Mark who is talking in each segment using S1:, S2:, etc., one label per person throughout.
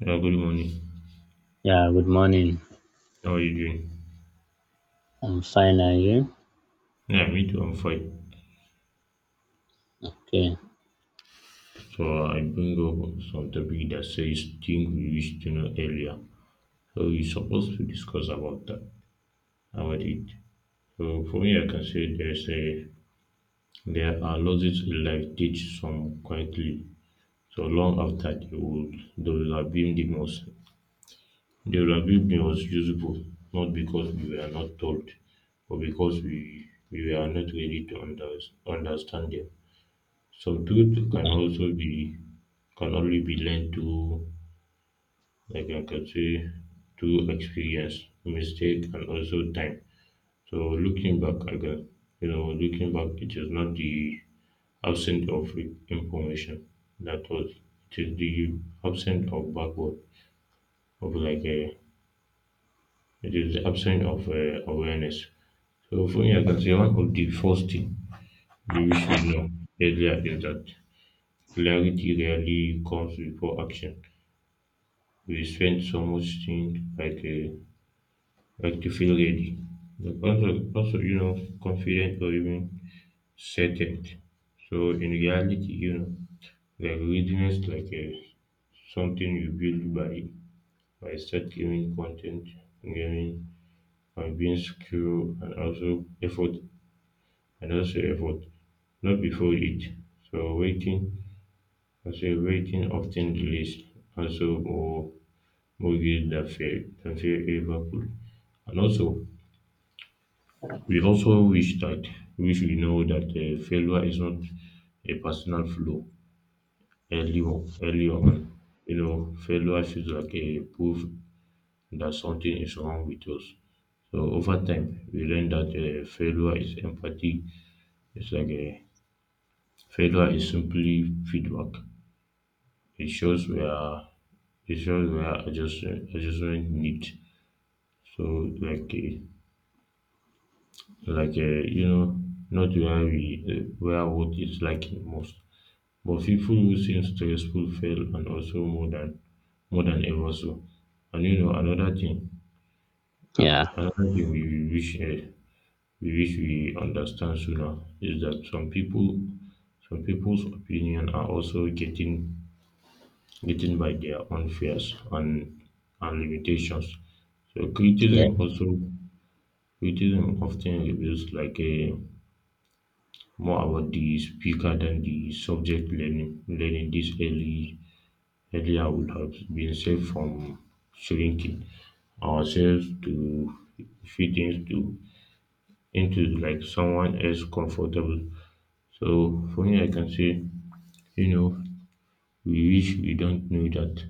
S1: Yeah, good morning.
S2: Yeah, good morning.
S1: How are you doing?
S2: I'm fine, are you?
S1: Yeah, me too. I'm fine.
S2: Okay.
S1: So I bring up some topic that says things we wish to know earlier. So we're supposed to discuss about that, about it. So for me, I can say there are losses in life teach some quietly. So long after they will have been the most useful, not because we were not told, but because we were not ready to understand them. Subdued can only be learned through like I can say through experience, mistake and also time. So looking back again, you know, looking back it is not the absence of information that was it is the absence of backward of like a it is the absence of awareness. So for me, I can say one of the first thing we wish we know earlier is that clarity rarely comes before action. We spend so much time, like to feel ready, but also confident or even certain. So in reality, like readiness like something you build by start giving content, giving and being secure and also effort and also effort, not before it. So waiting, I say waiting often delays also more guilt than fear ever could. And also, we also wish we know that failure is not a personal flaw early on, early on. You know, failure feels like a proof that something is wrong with us. So over time, we learn that failure is empathy. It's like a failure is simply feedback. It shows where it shows where adjustment need. So like uh, like uh, you know, not where we where what is lacking most. But people who seem stressful fail and also more than ever so. And, you know,
S2: Yeah,
S1: another thing we wish we wish we understand sooner is that some people's opinion are also getting by their own fears and limitations. So
S2: yeah,
S1: criticism often reveals like a more about the speaker than the subject. Learning this early area would have been saved from shrinking ourselves to fit into like someone else comfortable. So for me, I can say, you know, we wish we don't know that,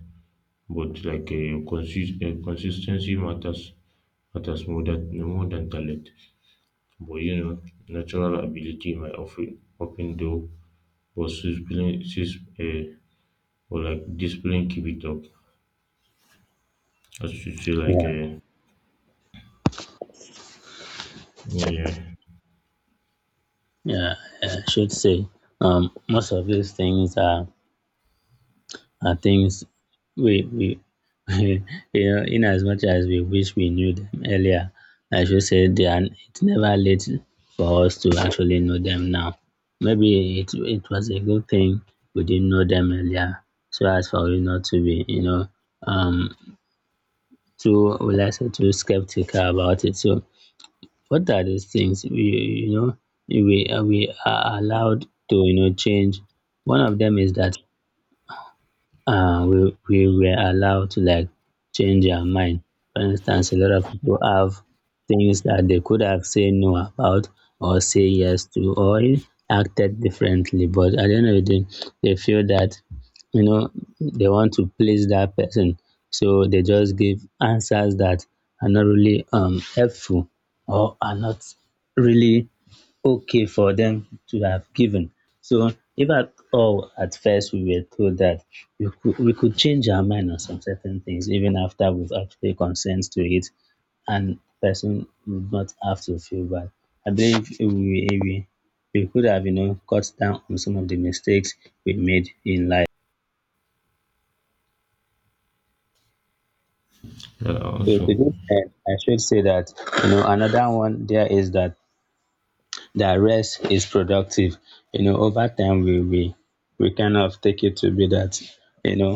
S1: but like a a consistency matters more than talent. But, you know, natural ability might often open door, but discipline sis- or like discipline keep it up. As you say like
S2: yeah,
S1: Yeah, yeah.
S2: yeah. I should say, most of these things are things we you know, in as much as we wish we knew them earlier, I should say they are, it's never late for us to actually know them now. Maybe it was a good thing we didn't know them earlier, so as for you not to be, you know, um, too, will I say, too skeptical about it. So what are these things we, you know, we are allowed to, you know, change? One of them is that we were allowed to like change our mind. For instance, a lot of people have things that they could have said no about or say yes to or acted differently. But at the end of the day, they feel that, you know, they want to please that person. So they just give answers that are not really helpful or are not really okay for them to have given. So if at all at first we were told that we could change our mind on some certain things even after we've actually consent to it and person would not have to feel bad. I believe we we could have, you know, cut down on some of the mistakes we made in life.
S1: Yeah,
S2: So to
S1: also,
S2: this end, I should say that, you know, another one there is that rest is productive. You know, over time we kind of take it to be that you know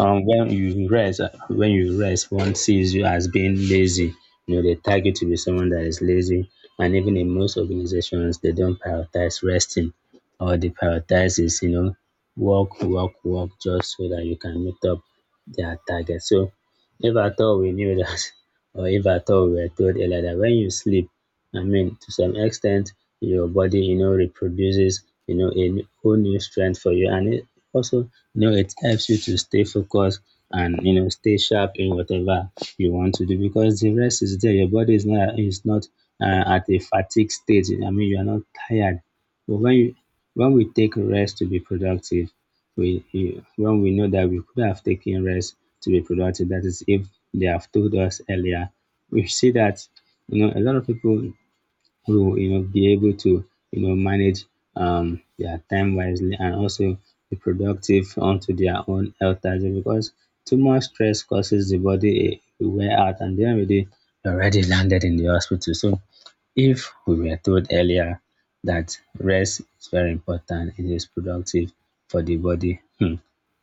S2: when you rest one sees you as being lazy. You know, they tag you to be someone that is lazy, and even in most organizations they don't prioritize resting, or they prioritize is you know work work work just so that you can meet up their target. So if at all we knew that, or if at all we were told earlier that when you sleep I mean, to some extent, your body, you know, reproduces, you know, a whole new strength for you. And it also, you know, it helps you to stay focused and, you know, stay sharp in whatever you want to do because the rest is there. Your body is not at a fatigue stage. I mean, you are not tired. But when you, when we take rest to be productive, when we know that we could have taken rest to be productive, that is if they have told us earlier, we see that you know a lot of people who will you know be able to you know manage their time wisely and also be productive onto their own health as well because too much stress causes the body a wear out and at the end of the day already landed in the hospital. So if we were told earlier that rest is very important, it is productive for the body.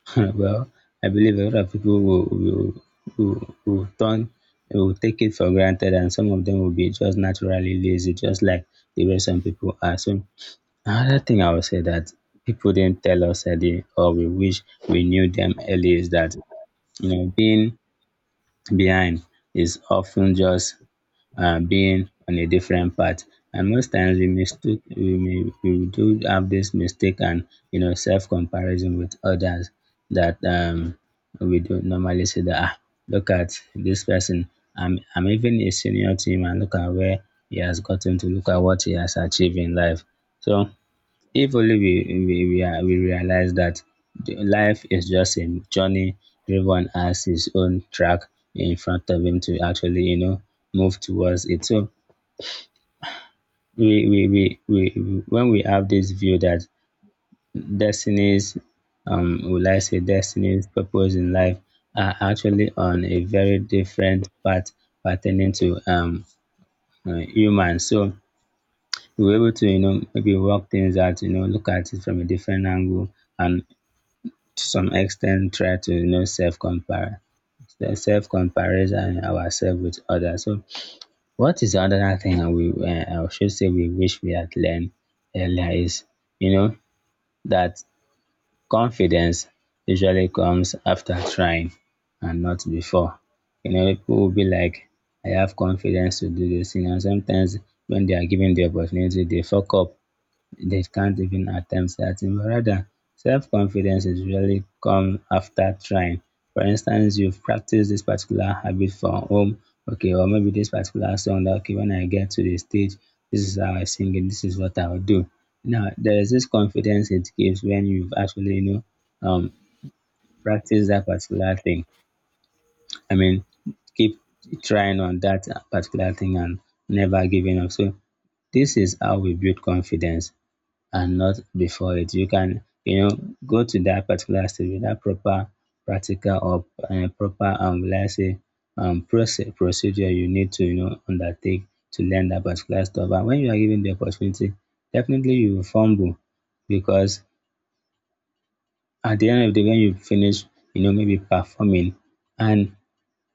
S2: well, I believe a lot of people will, will turn, will take it for granted, and some of them will be just naturally lazy, just like the way some people are. So, another thing I would say that people didn't tell us early, or we wish we knew them early, is that you know being behind is often just being on a different path. And most times we do have this mistake and you know self comparison with others that we don't normally see that ah, look at this person. I'm even a senior to him and look at where he has gotten to, look at what he has achieved in life. So if only we realize that life is just a journey, everyone has his own track in front of him to actually you know move towards it. So we when we have this view that destinies will I say destinies purpose in life are actually on a very different path pertaining to humans. So we were able to you know maybe work things out, you know, look at it from a different angle and to some extent try to you know self comparison ourselves with others. So what is another thing I will I should say we wish we had learned earlier is you know that confidence usually comes after trying and not before. You know, people will be like, I have confidence to do this thing. And sometimes when they are given the opportunity, they fuck up, they can't even attempt certain, but rather self confidence is really come after trying. For instance, you've practiced this particular habit from home, okay, or maybe this particular song that okay, when I get to the stage, this is how I sing it, this is what I'll do. Now there is this confidence it gives when you've actually, you know, practiced that particular thing. I mean, keep trying on that particular thing and never giving up. So this is how we build confidence and not before it. You can, you know, go to that particular stage without proper practical or proper, let's say, process, procedure you need to, you know, undertake to learn that particular stuff. And when you are given the opportunity, definitely you will fumble because at the end of the day, when you finish, you know, maybe performing and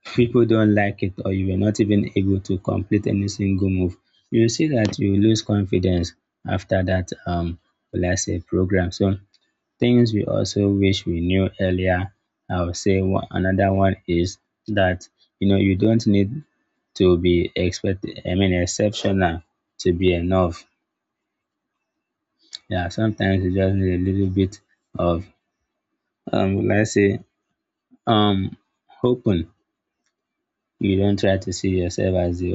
S2: people don't like it or you were not even able to complete any single move, you will see that you lose confidence after that, let's say, program. So things we also wish we knew earlier, I would say another one is that you know you don't need to be expect I mean exceptional to be enough. Yeah, sometimes you just need a little bit of let's say um open, you don't try to see yourself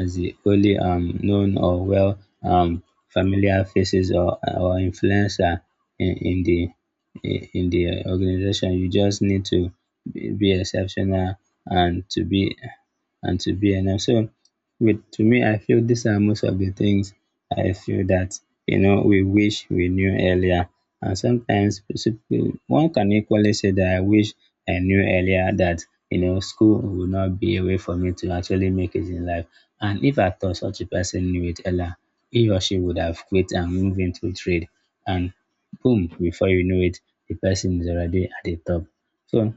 S2: as the only known or well um familiar faces or influencer in, in the in the organization. You just need to be exceptional and to be and to be enough. So with to me, I feel these are most of the things I feel that you know we wish we knew earlier. And sometimes one can equally say that I wish I knew earlier that you know school would not be a way for me to actually make it in life. And if I thought such a person knew it earlier, he or she would have quit and moved into trade. And boom, before you know it, the person is already at the top. So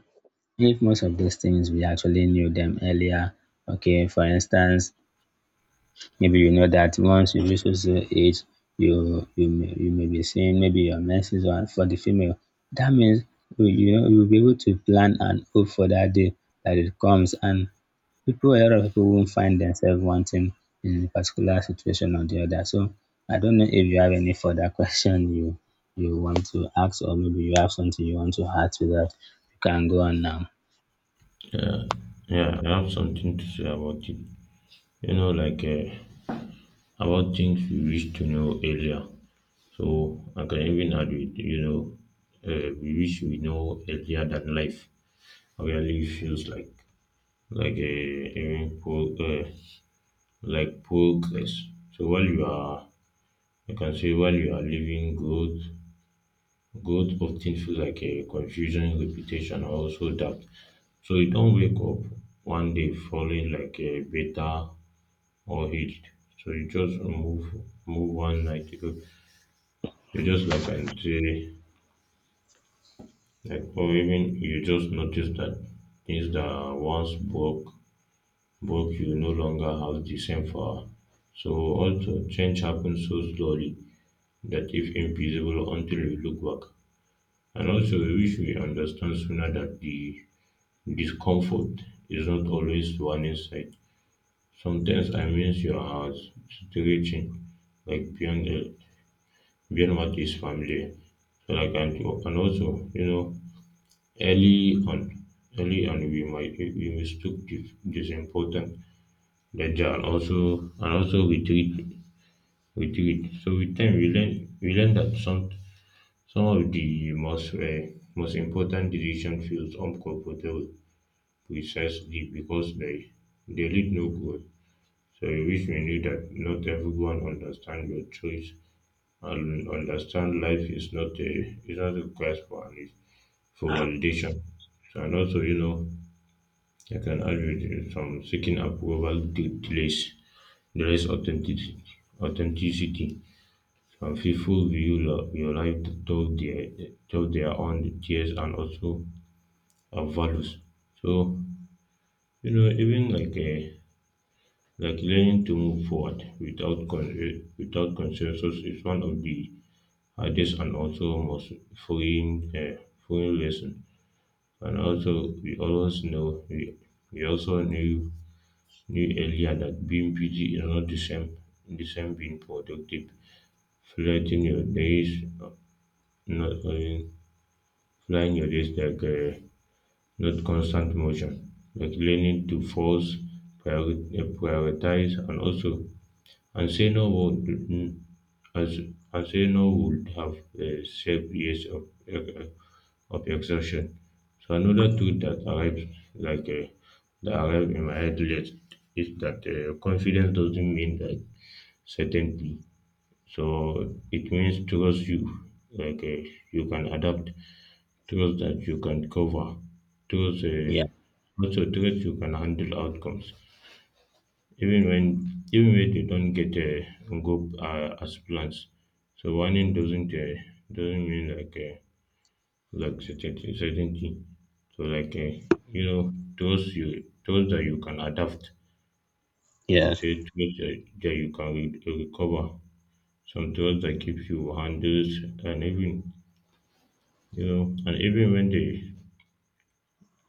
S2: if most of those things we actually knew them earlier, okay, for instance, maybe you know that once you reach a certain age, you may be seeing maybe your menses or for the female. That means you you know you'll be able to plan and hope for that day that it comes. And people, a lot of people won't find themselves wanting in a particular situation or the other. So I don't know if you have any further question you you want to ask, or maybe you have something you want to add to that. You can go on now.
S1: yeah, yeah, I have something to say about it. You know, about things we wish to know earlier. So I can even add it. You know, we wish we know earlier than life really feels like a even pro, uh, like progress. So while you are living, growth often feels like a confusion, repetition, or also doubt. So you don't wake up one day falling like a beta or hit. So you just move one night. You just like until like or even you just notice that things that once broke you no longer have the same power. So also change happens so slowly that if invisible until you look back. And also we wish we understand sooner that the discomfort is not always warning sign. Sometimes I miss your house stretching like beyond what is familiar. So like and also, early on early on we mistook this important danger and also we treat. So with time we learn that some of the most most important decision feels uncomfortable precisely because they lead no growth. So which we knew that not everyone understand your choice and understand life is not a quest for for validation. So, and also, you know, I can add with some seeking approval delays authenticity. Some people view your life through their own tears and also values. So, you know, even like a Like learning to move forward without without consensus is one of the hardest and also most freeing, uh, freeing lesson. And also, we always know we also knew earlier that being busy is not the same being productive. Flighting your days, not Flying your days not constant motion, like learning to prioritize, and also Arsenio would Arsenio would have saved years uh, of exhaustion. So another truth that arrived in my head late is that confidence doesn't mean that certainty. So it means trust like uh, you can adapt, trust that you can cover, trust
S2: Yeah.
S1: also trust you can handle outcomes even when they don't get go as plans. So warning doesn't mean like certainty. So you know those you those that you can adapt. I
S2: Yes.
S1: say that you can recover. Some those that keep you handles and even you know and even when they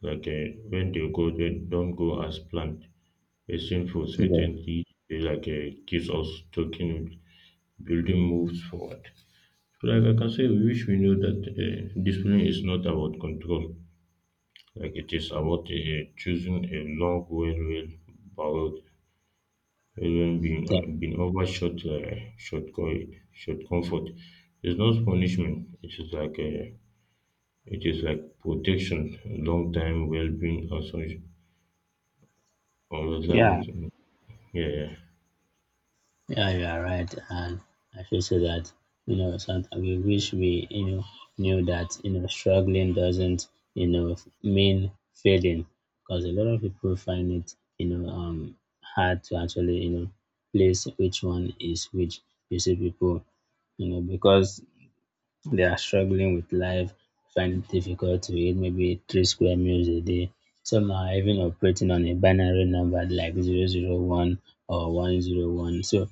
S1: like uh, when they go they don't go as planned. A sinful
S2: Yeah.
S1: certainty they keeps us talking building moves forward. So, like I can say, we wish we knew that discipline is not about control, like it is about choosing a long, well, bowled, even
S2: Yeah.
S1: being overshot, short, short comfort. It's not punishment, it is like a it is like protection, long time well being, also,
S2: Yeah.
S1: also, yeah, yeah.
S2: Yeah, you are right, and I feel so that you know sometimes we wish we you know knew that you know struggling doesn't you know mean failing, because a lot of people find it you know hard to actually you know place which one is which. You see people you know because they are struggling with life, find it difficult to eat maybe 3 square meals a day. Some are even operating on a binary number like 001 or 101. So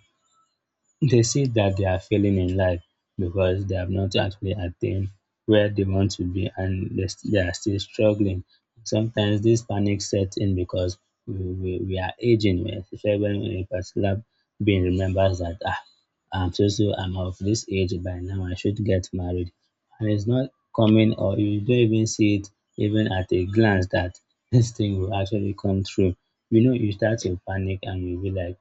S2: they see that they are failing in life because they have not actually attained where they want to be and they are still struggling. Sometimes this panic sets in because we are aging, especially when a particular being remembers that ah, I'm so so I'm of this age by now, I should get married. And it's not coming or you don't even see it even at a glance that this thing will actually come true. You know, you start to panic and you'll be like,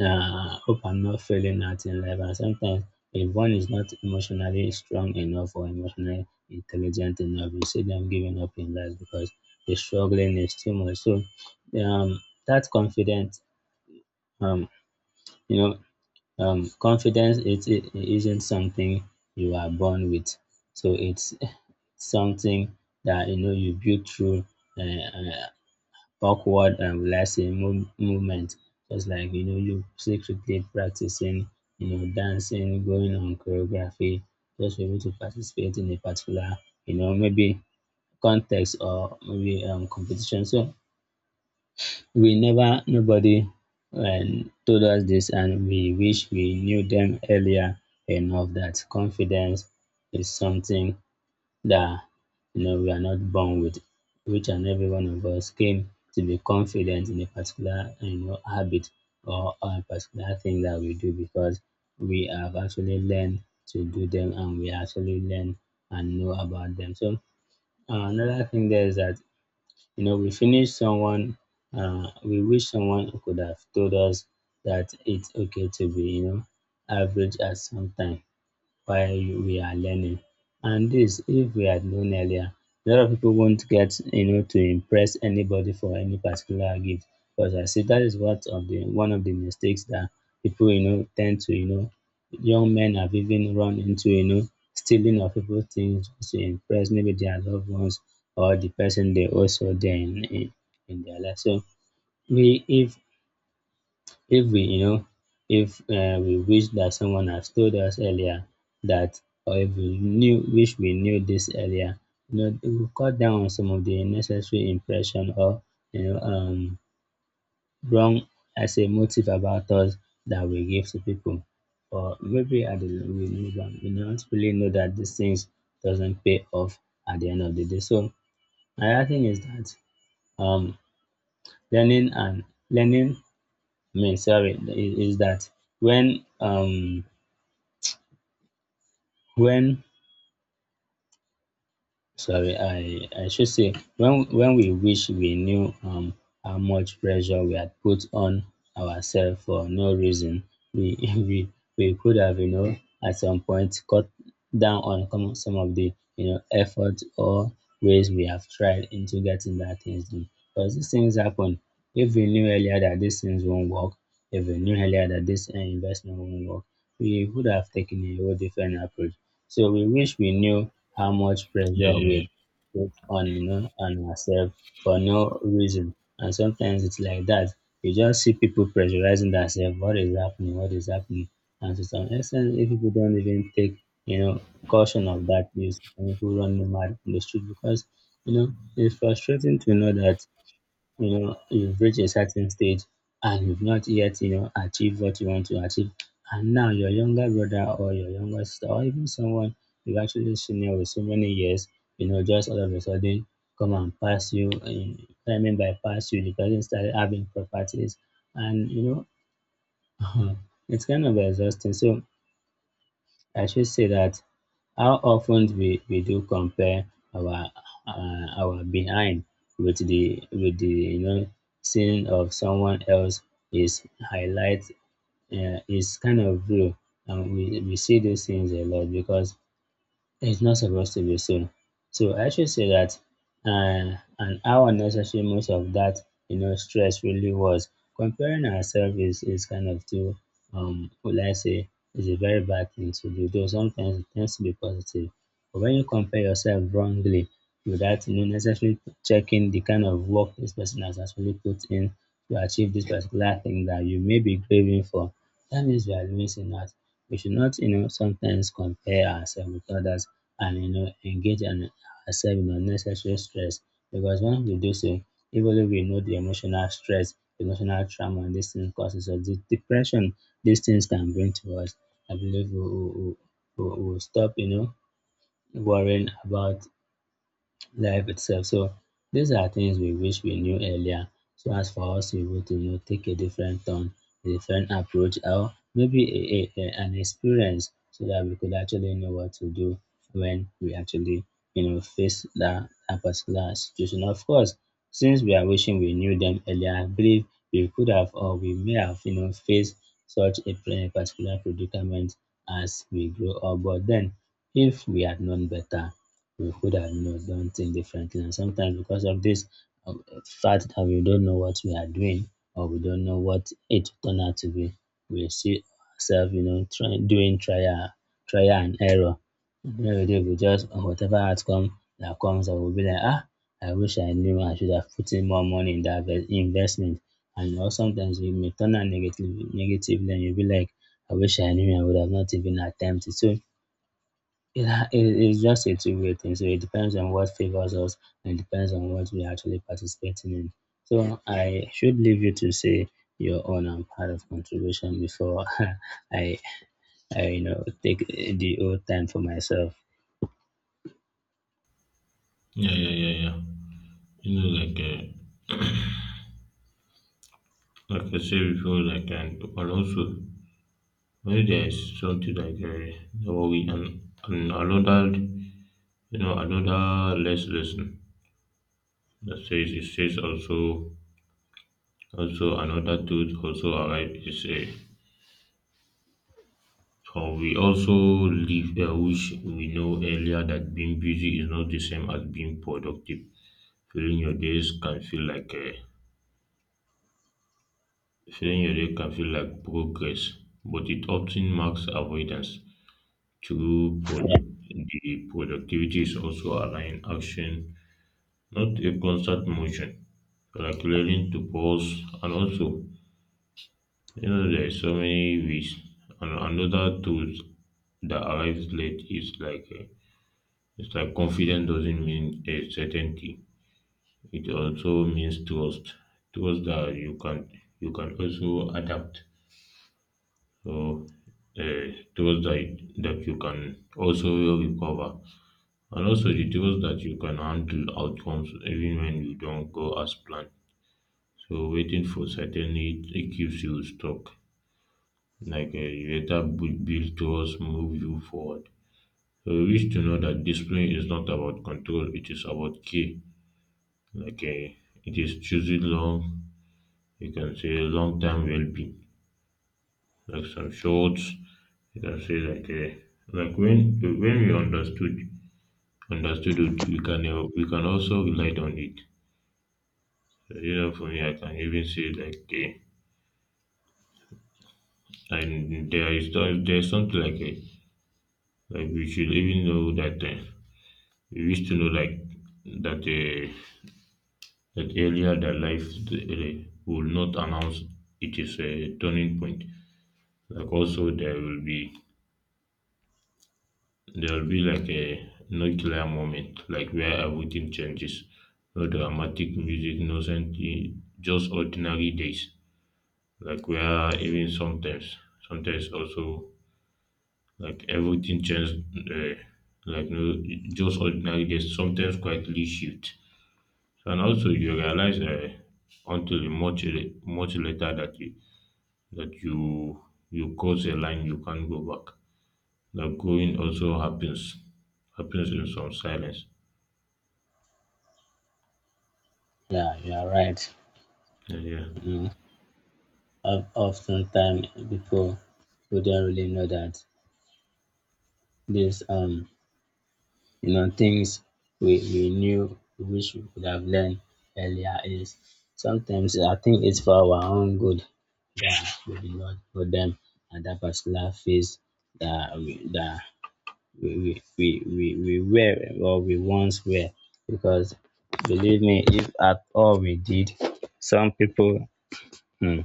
S2: hope I'm not failing at in life. And sometimes, if one is not emotionally strong enough or emotionally intelligent enough, you see them giving up in life because the struggling is too much. So, um, that confidence, um, you know, confidence it isn't something you are born with. So it's something that you know you build through uh, uh, backward and relaxing movement, just like you know you secretly practicing, you know, dancing going on choreography just for you to participate in a particular, you know, maybe context or maybe competition. So we never nobody told us this, and we wish we knew them earlier enough, that confidence is something that, you know, we are not born with. Each and every one of us came to be confident in a particular, you know, habit or a particular thing that we do because we have actually learned to do them, and we actually learn and know about them. So another thing there is that, you know, we finish someone. We wish someone could have told us that it's okay to be, you know, average at some time while we are learning. And this, if we had known earlier, a lot of people won't get, you know, to impress anybody for any particular gift. Because I see that is what of the one of the mistakes that people, you know, tend to, you know, young men have even run into, you know, stealing of people things just to impress maybe their loved ones or the person they also there in, in their life. So we if we you know if we wish that someone has told us earlier that, or if we knew wish we knew this earlier, you know it will cut down on some of the unnecessary impression or, you know, wrong as a motive about us that we give to people. Or maybe at the we don't really know that these things doesn't pay off at the end of the day. So another thing is that um learning and learning, I mean, sorry, is that when um when sorry, I should say, when we wish we knew how much pressure we had put on ourselves for no reason, we, we could have, you know, at some point cut down on some of the, you know, effort or ways we have tried into getting that things done. Because these things happen. If we knew earlier that these things won't work, if we knew earlier that this investment won't work, we would have taken a whole different approach. So we wish we knew how much pressure
S1: Yeah,
S2: we
S1: yeah,
S2: put on, you know, on ourselves for no reason. And sometimes it's like that. You just see people pressurizing themselves. What is happening? What is happening? And to some extent, if people don't even take, you know, caution of that, you see people running mad in the street because, you know, it's frustrating to know that, you know, you've reached a certain stage and you've not yet, you know, achieved what you want to achieve. And now your younger brother or your younger sister or even someone you've actually senior with so many years, you know, just all of a sudden come and pass you. And I mean by pass you, the person started having properties and know it's kind of exhausting. So I should say that how often we do compare our behind with the with the, you know, scene of someone else is highlight is kind of real. And we see these things a lot because it's not supposed to be soon. So I should say that and how unnecessary most of that, you know, stress really was. Comparing ourselves is kind of too, will I say, is a very bad thing to do. Though sometimes it tends to be positive. But when you compare yourself wrongly without, you know, necessarily checking the kind of work this person has actually put in to achieve this particular thing that you may be craving for, that means we are missing out. We should not, you know, sometimes compare ourselves with others and, you know, engage in ourselves in unnecessary stress. Because when we do so, even though we know the emotional stress, emotional trauma, and these things causes us, the depression these things can bring to us, I believe we will, we will, we will stop, you know, worrying about life itself. So these are things we wish we knew earlier so as for us to be able to, you know, take a different turn, a different approach, or maybe a, an experience so that we could actually know what to do when we actually, you know, face that, that particular situation. Of course, since we are wishing we knew them earlier, I believe we could have or we may have, you know, faced such a particular predicament as we grow up. But then, if we had known better, we could have, you know, done things differently. And sometimes because of this uh, fact that we don't know what we are doing or we don't know what it turned out to be, we see ourselves, you know, trying doing trial and error. At the end of the day, we just whatever outcome that comes, I will be like, ah, I wish I knew I should have put in more money in that investment. And you know, sometimes it may turn out negative, negatively, and you'll be like, I wish I knew I would have not even attempted. So it's just a two-way thing. So it depends on what favors us, and it depends on what we're actually participating in. So I should leave you to say your own and part of contribution before I I, you know, take the old time for myself.
S1: yeah, yeah, yeah, yeah. Yeah. You know, like I said before, and also when there is something no worry, and another, you know, another lesson that says it says also another truth also arrive is we also live which we know earlier that being busy is not the same as being productive. filling your days can feel like uh, Filling your day can feel like progress, but it often marks avoidance. True product the productivity is also allowing action, not a constant motion, like learning to pause. And also, you know, there is so many ways. And another tools that arrives late is it's like confidence doesn't mean a certainty. It also means trust. Trust that you can also adapt. So uh, trust that you can also recover, and also the trust that you can handle outcomes even when you don't go as planned. So waiting for certainty, it keeps you stuck, like a later build towards move you forward. So you wish to know that discipline is not about control, it is about care. Like a, it is choosing long, you can say long term well being. Like some shorts, you can say like a. Like when we understood it, we can we can also rely on it. So, you know, for me, I can even say like and there's something like a, like we should even know that we wish to know like that that earlier that life will not announce it is a turning point. Like also there will be like a no clear moment, like where everything changes. No dramatic music, no something, just ordinary days. Like where even sometimes also like everything changes. Uh, like no, just ordinary days. Sometimes quietly shift. And also you realize until much later that you cross a line you can't go back. That growing also happens in some silence.
S2: Yeah, you are right.
S1: Yeah.
S2: You know, oftentimes people who don't really know that this you know, things we knew, we wish we could have learned earlier is sometimes I think it's for our own good that we did not know them at that particular phase that that we, we, we, we were or we once were. Because believe me, if at all we did, some people, hmm,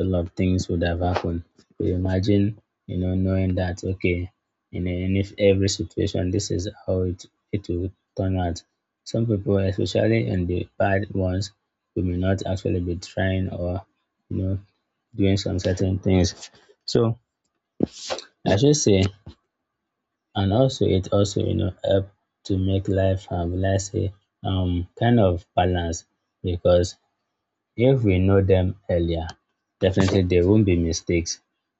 S2: a lot of things would have happened. Could imagine, you know, knowing that okay, in if every situation, this is how it will turn out. Some people, especially in the bad ones, we may not actually be trying or, you know, doing some certain things. So I should say, and also it also, you know, help to make life have, let's say, kind of balance. Because if we know them earlier, definitely there won't be mistakes,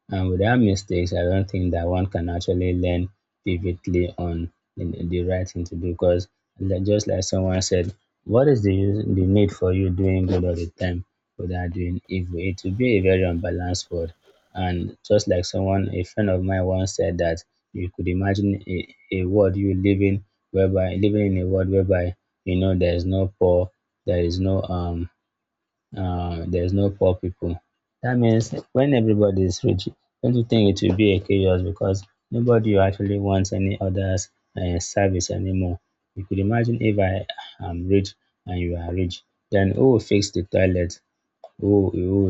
S2: and without mistakes I don't think that one can actually learn vividly on the right thing to do. Because just like someone said, what is the use the need for you doing good all the time without doing evil? It will be a very unbalanced world. And just like someone a friend of mine once said that, you could imagine a, world you living whereby living in a world whereby, you know, there is no poor, there is no there's no poor people. That means when everybody is rich, don't you think it will be a chaos? Because nobody actually wants any other's service anymore. You could imagine if I am rich and you are rich, then who will fix the toilet? Who will